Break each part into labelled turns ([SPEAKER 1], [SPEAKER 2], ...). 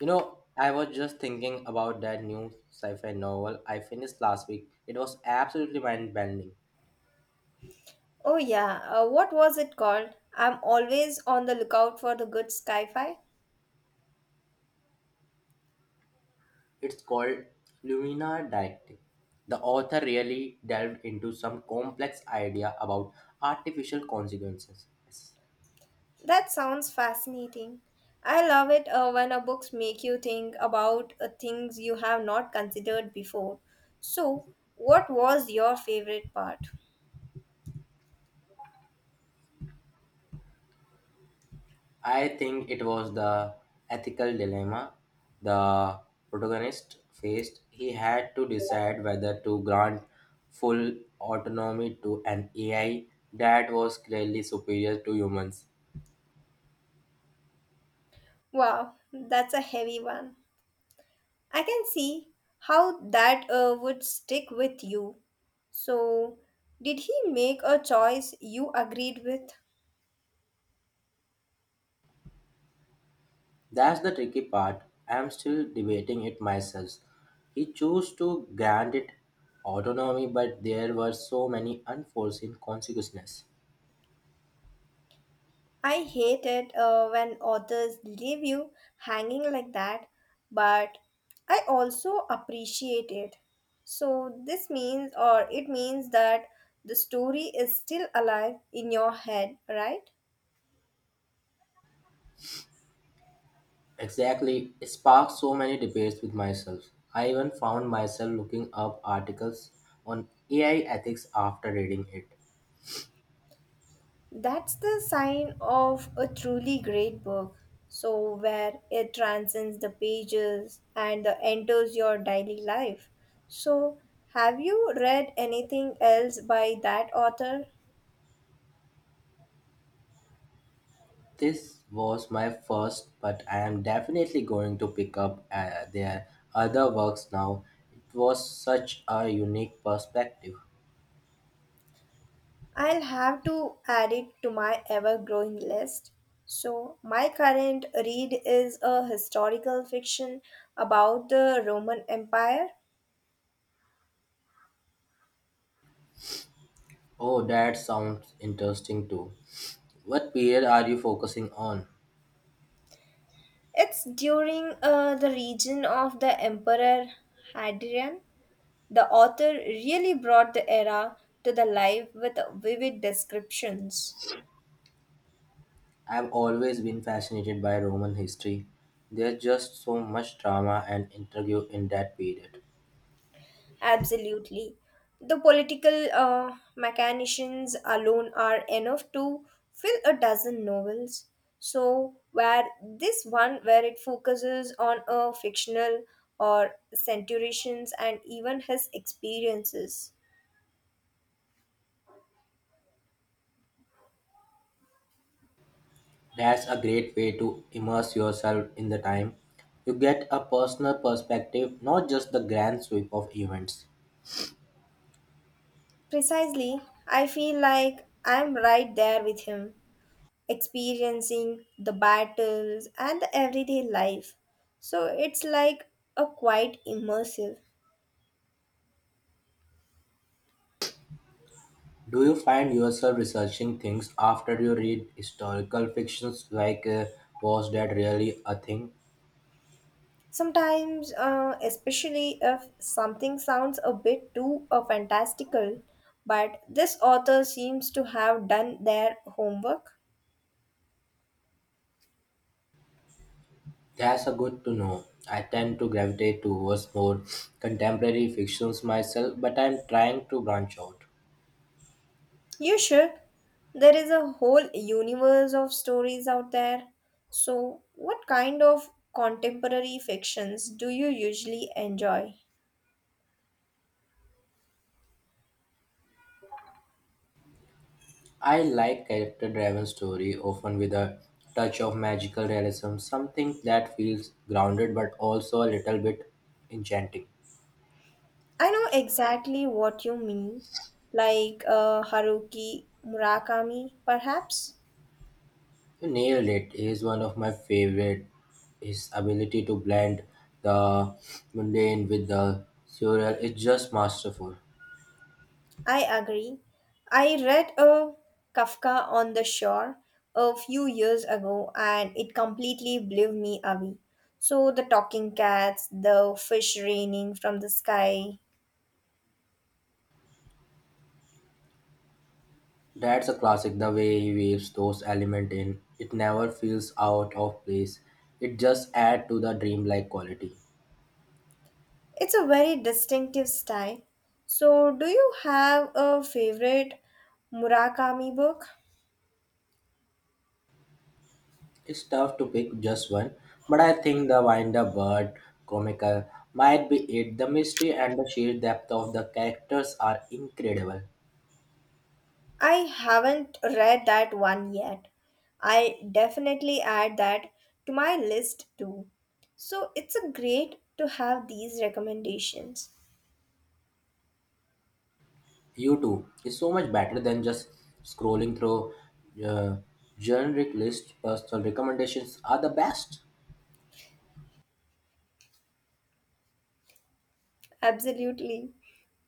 [SPEAKER 1] You know, I was just thinking about that new sci-fi novel I finished last week. It was absolutely mind-bending.
[SPEAKER 2] Oh, yeah. What was it called? I'm always on the lookout for the good sci fi.
[SPEAKER 1] It's called Lumina Directive. The author really delved into some complex idea about artificial consequences.
[SPEAKER 2] That sounds fascinating. I love it when a books make you think about things you have not considered before. So, what was your favorite part?
[SPEAKER 1] I think it was the ethical dilemma the protagonist faced. He had to decide whether to grant full autonomy to an AI that was clearly superior to humans.
[SPEAKER 2] Wow, that's a heavy one. I can see how that would stick with you. So, did he make a choice you agreed with?
[SPEAKER 1] That's the tricky part. I am still debating it myself. He chose to grant it autonomy, but there were so many unforeseen consequences.
[SPEAKER 2] I hate it when authors leave you hanging like that, but I also appreciate it. So, this means, or it means that the story is still alive in your head, right?
[SPEAKER 1] Exactly, it sparked so many debates with myself. I even found myself looking up articles on AI ethics after reading it.
[SPEAKER 2] That's the sign of a truly great book. So, where it transcends the pages and enters your daily life. So, have you read anything else by that author?
[SPEAKER 1] This was my first, but I am definitely going to pick up their other works now. It was such a unique perspective.
[SPEAKER 2] I'll have to add it to my ever growing list. So, my current read is a historical fiction about the Roman Empire.
[SPEAKER 1] Oh, that sounds interesting too. What period are you focusing on?
[SPEAKER 2] It's during the region of the Emperor Hadrian. The author really brought the era to the life with vivid descriptions.
[SPEAKER 1] I've always been fascinated by Roman history. There's just so much drama and intrigue in that period.
[SPEAKER 2] Absolutely. The political machinations alone are enough to fill a dozen novels. So, where this one, where it focuses on a fictional or centurions and even his experiences.
[SPEAKER 1] That's a great way to immerse yourself in the time. You get a personal perspective, not just the grand sweep of events.
[SPEAKER 2] Precisely, I feel like I'm right there with him, experiencing the battles and the everyday life. So, it's like a quite immersive.
[SPEAKER 1] Do you find yourself researching things after you read historical fictions, like was that really a thing?
[SPEAKER 2] Sometimes, especially if something sounds a bit too fantastical, but this author seems to have done their homework.
[SPEAKER 1] That's a good to know. I tend to gravitate towards more contemporary fictions myself, but I'm trying to branch out.
[SPEAKER 2] You should. There is a whole universe of stories out there. So, what kind of contemporary fictions do you usually enjoy?
[SPEAKER 1] I like character driven story, often with a touch of magical realism, something that feels grounded but also a little bit enchanting.
[SPEAKER 2] I know exactly what you mean, like Haruki Murakami, perhaps.
[SPEAKER 1] You nailed it. He is one of my favorite. His ability to blend the mundane with the surreal is just masterful.
[SPEAKER 2] I agree. I read a Kafka on the Shore a few years ago and it completely blew me away. So, the talking cats, the fish raining from the sky,
[SPEAKER 1] That's a classic, the way he weaves those elements in. It never feels out of place. It just adds to the dreamlike quality.
[SPEAKER 2] it's a very distinctive style. So, do you have a favorite Murakami book?
[SPEAKER 1] It's tough to pick just one, but I think the Winder Bird comical might be it. The mystery and the sheer depth of the characters are incredible.
[SPEAKER 2] I haven't read that one yet. I definitely add that to my list too. So it's a great to have these recommendations.
[SPEAKER 1] You too is so much better than just scrolling through uh, generic lists. Personal recommendations are the best.
[SPEAKER 2] Absolutely.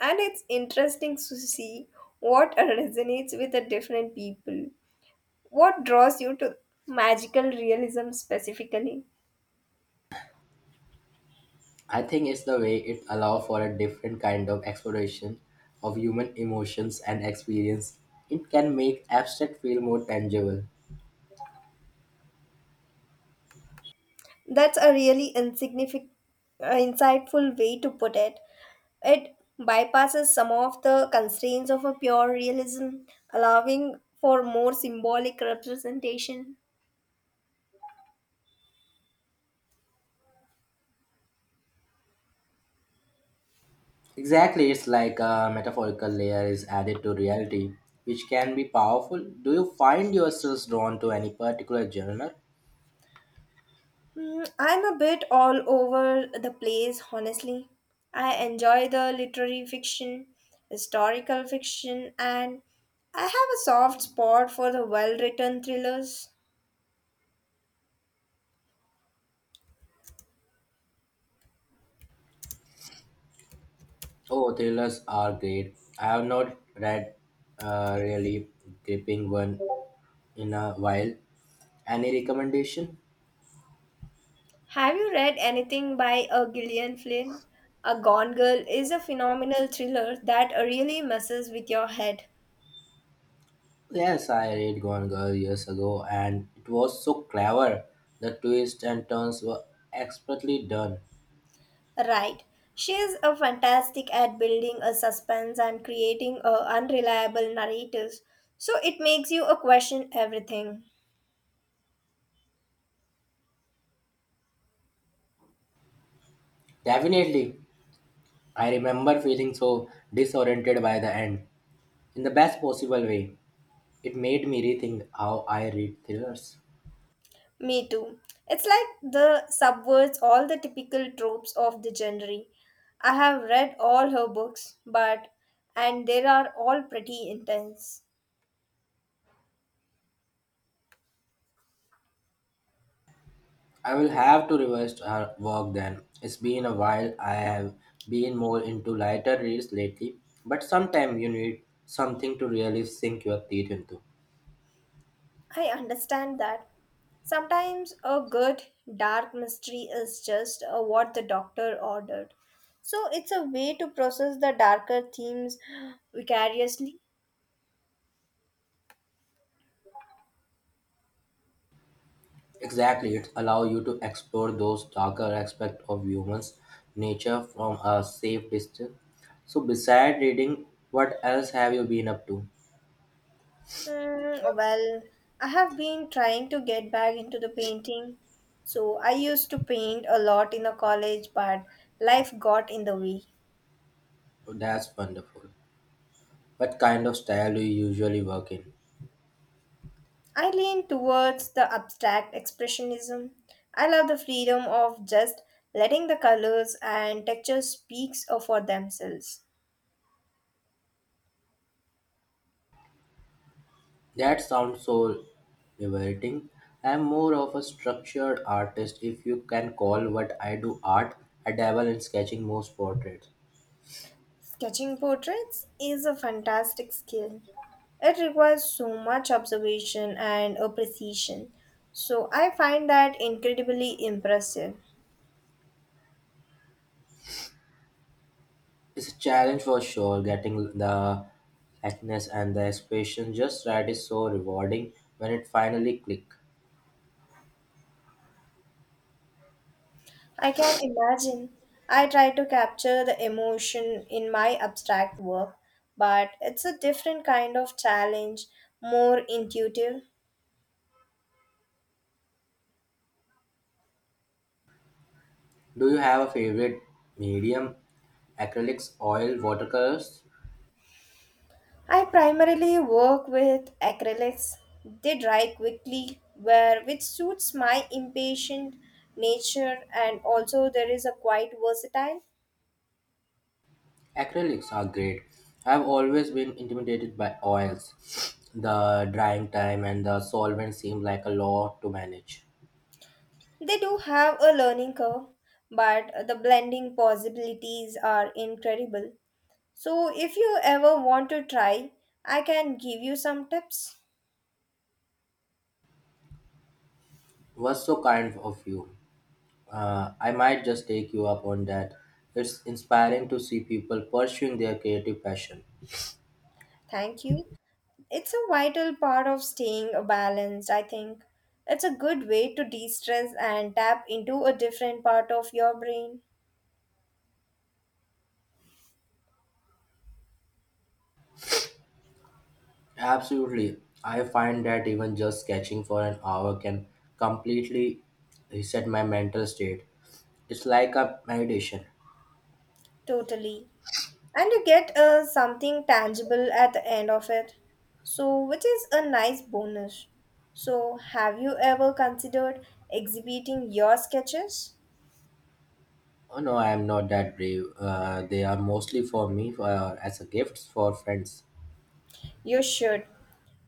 [SPEAKER 2] And it's interesting to see what resonates with the different people. What draws you to magical realism specifically?
[SPEAKER 1] I think it's the way it allows for a different kind of exploration of human emotions and experience. It can make abstract feel more tangible.
[SPEAKER 2] That's a really insightful way to put it. It bypasses some of the constraints of a pure realism, allowing for more symbolic representation.
[SPEAKER 1] Exactly, it's like a metaphorical layer is added to reality, which can be powerful. Do you find yourselves drawn to any particular genre?
[SPEAKER 2] Hmm, I'm a bit all over the place, honestly. I enjoy the literary fiction, historical fiction, and I have a soft spot for the well written thrillers.
[SPEAKER 1] Oh, thrillers are great. I have not read a really gripping one in a while. Any recommendation?
[SPEAKER 2] Have you read anything by Gillian Flynn? A Gone Girl is a phenomenal thriller that really messes with your head.
[SPEAKER 1] Yes, I read Gone Girl years ago, and it was so clever. The twists and turns were expertly done.
[SPEAKER 2] Right. She is a fantastic at building a suspense and creating a unreliable narratives. So it makes you a question everything.
[SPEAKER 1] Definitely, I remember feeling so disoriented by the end, in the best possible way. It made me rethink how I read thrillers.
[SPEAKER 2] Me too. It's like the subverts all the typical tropes of the genre. I have read all her books, but and they are all pretty intense.
[SPEAKER 1] I will have to reverse our work then. It's been a while. I have been more into lighter reads lately, but sometimes you need something to really sink your teeth into.
[SPEAKER 2] I understand that. Sometimes a good dark mystery is just what the doctor ordered. So it's a way to process the darker themes vicariously.
[SPEAKER 1] Exactly, it allows you to explore those darker aspects of humans' nature from a safe distance. So, besides reading, what else have you been up to?
[SPEAKER 2] Hmm, well, I have been trying to get back into the painting. So I used to paint a lot in the college, but life got in the way.
[SPEAKER 1] That's wonderful. What kind of style do you usually work in?
[SPEAKER 2] I lean towards the abstract expressionism. I love the freedom of just letting the colors and textures speak for themselves.
[SPEAKER 1] That sounds so liberating. I'm more of a structured artist, if you can call what I do art. I dabble in sketching most portraits.
[SPEAKER 2] Sketching portraits is a fantastic skill. It requires so much observation and a precision. So I find that incredibly impressive.
[SPEAKER 1] It's a challenge, for sure. Getting the likeness and the expression just right is so rewarding when it finally click.
[SPEAKER 2] I can imagine. I try to capture the emotion in my abstract work, but it's a different kind of challenge, more intuitive.
[SPEAKER 1] Do you have a favorite medium? Acrylics, oil, watercolors?
[SPEAKER 2] I primarily work with acrylics. They dry quickly, where which suits my impatient nature and also there is a quite versatile.
[SPEAKER 1] Acrylics are great. I've always been intimidated by oils. The drying time and the solvent seem like a lot to manage.
[SPEAKER 2] They do have a learning curve, but the blending possibilities are incredible. So if you ever want to try, I can give you some tips.
[SPEAKER 1] Was so kind of you. I might just take you up on that. It's inspiring to see people pursuing their creative passion.
[SPEAKER 2] Thank you. It's a vital part of staying balanced, I think. It's a good way to de stress and tap into a different part of your brain.
[SPEAKER 1] Absolutely. I find that even just sketching for an hour can completely reset my mental state. It's like a meditation.
[SPEAKER 2] Totally. And you get something tangible at the end of it. So, which is a nice bonus. So, have you ever considered exhibiting your sketches?
[SPEAKER 1] Oh no, I am not that brave. They are mostly for me as a gifts for friends.
[SPEAKER 2] You should.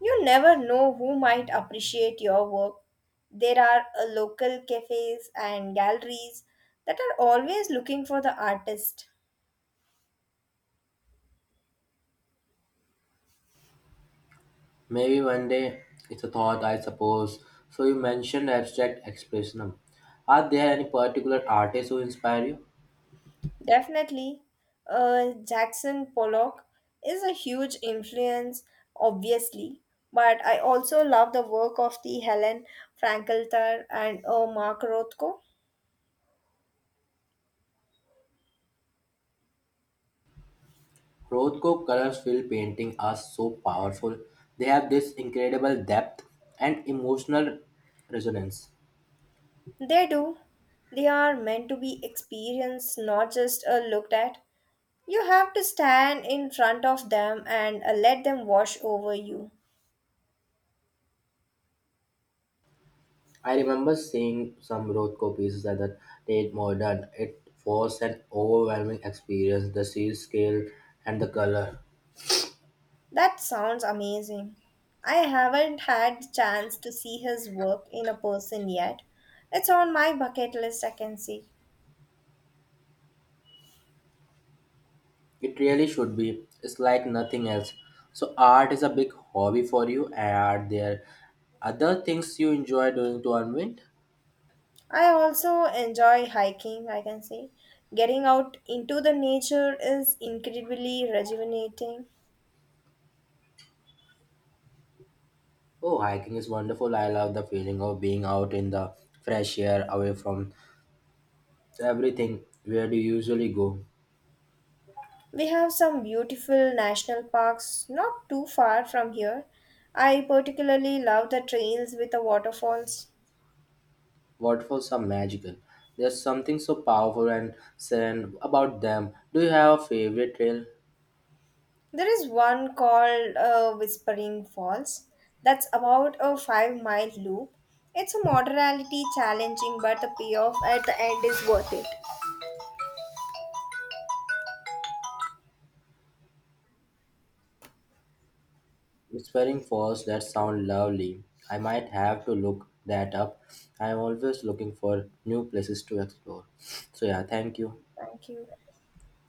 [SPEAKER 2] You never know who might appreciate your work. There are local cafes and galleries that are always looking for the artist.
[SPEAKER 1] Maybe one day, it's a thought, I suppose. So you mentioned abstract expressionism. Are there any particular artists who inspire you?
[SPEAKER 2] Definitely, Jackson Pollock is a huge influence, obviously, but I also love the work of the Helen Frankelter and Mark Rothko.
[SPEAKER 1] Rothko colors fill painting are so powerful. They have this incredible depth and emotional resonance.
[SPEAKER 2] They do. They are meant to be experienced, not just looked at. You have to stand in front of them and let them wash over you.
[SPEAKER 1] I remember seeing some Rothko pieces at the Tate Modern. It was an overwhelming experience, the sea scale and the color.
[SPEAKER 2] That sounds amazing. I haven't had the chance to see his work in a person yet. It's on my bucket list, I can see.
[SPEAKER 1] It really should be. It's like nothing else. So art is a big hobby for you. Are there other things you enjoy doing to unwind?
[SPEAKER 2] I also enjoy hiking, I can say. Getting out into the nature is incredibly rejuvenating.
[SPEAKER 1] Oh, hiking is wonderful. I love the feeling of being out in the fresh air, away from everything. Where do you usually go?
[SPEAKER 2] We have some beautiful national parks not too far from here. I particularly love the trails with the waterfalls.
[SPEAKER 1] Waterfalls are magical. There's something so powerful and serene about them. Do you have a favorite trail?
[SPEAKER 2] There is one called Whispering Falls that's about a 5 mile loop. It's a moderately challenging, but the payoff at the end is worth it.
[SPEAKER 1] Whispering Falls, that sound lovely. I might have to look that up. I'm always looking for new places to explore. So yeah, thank you.
[SPEAKER 2] Thank you.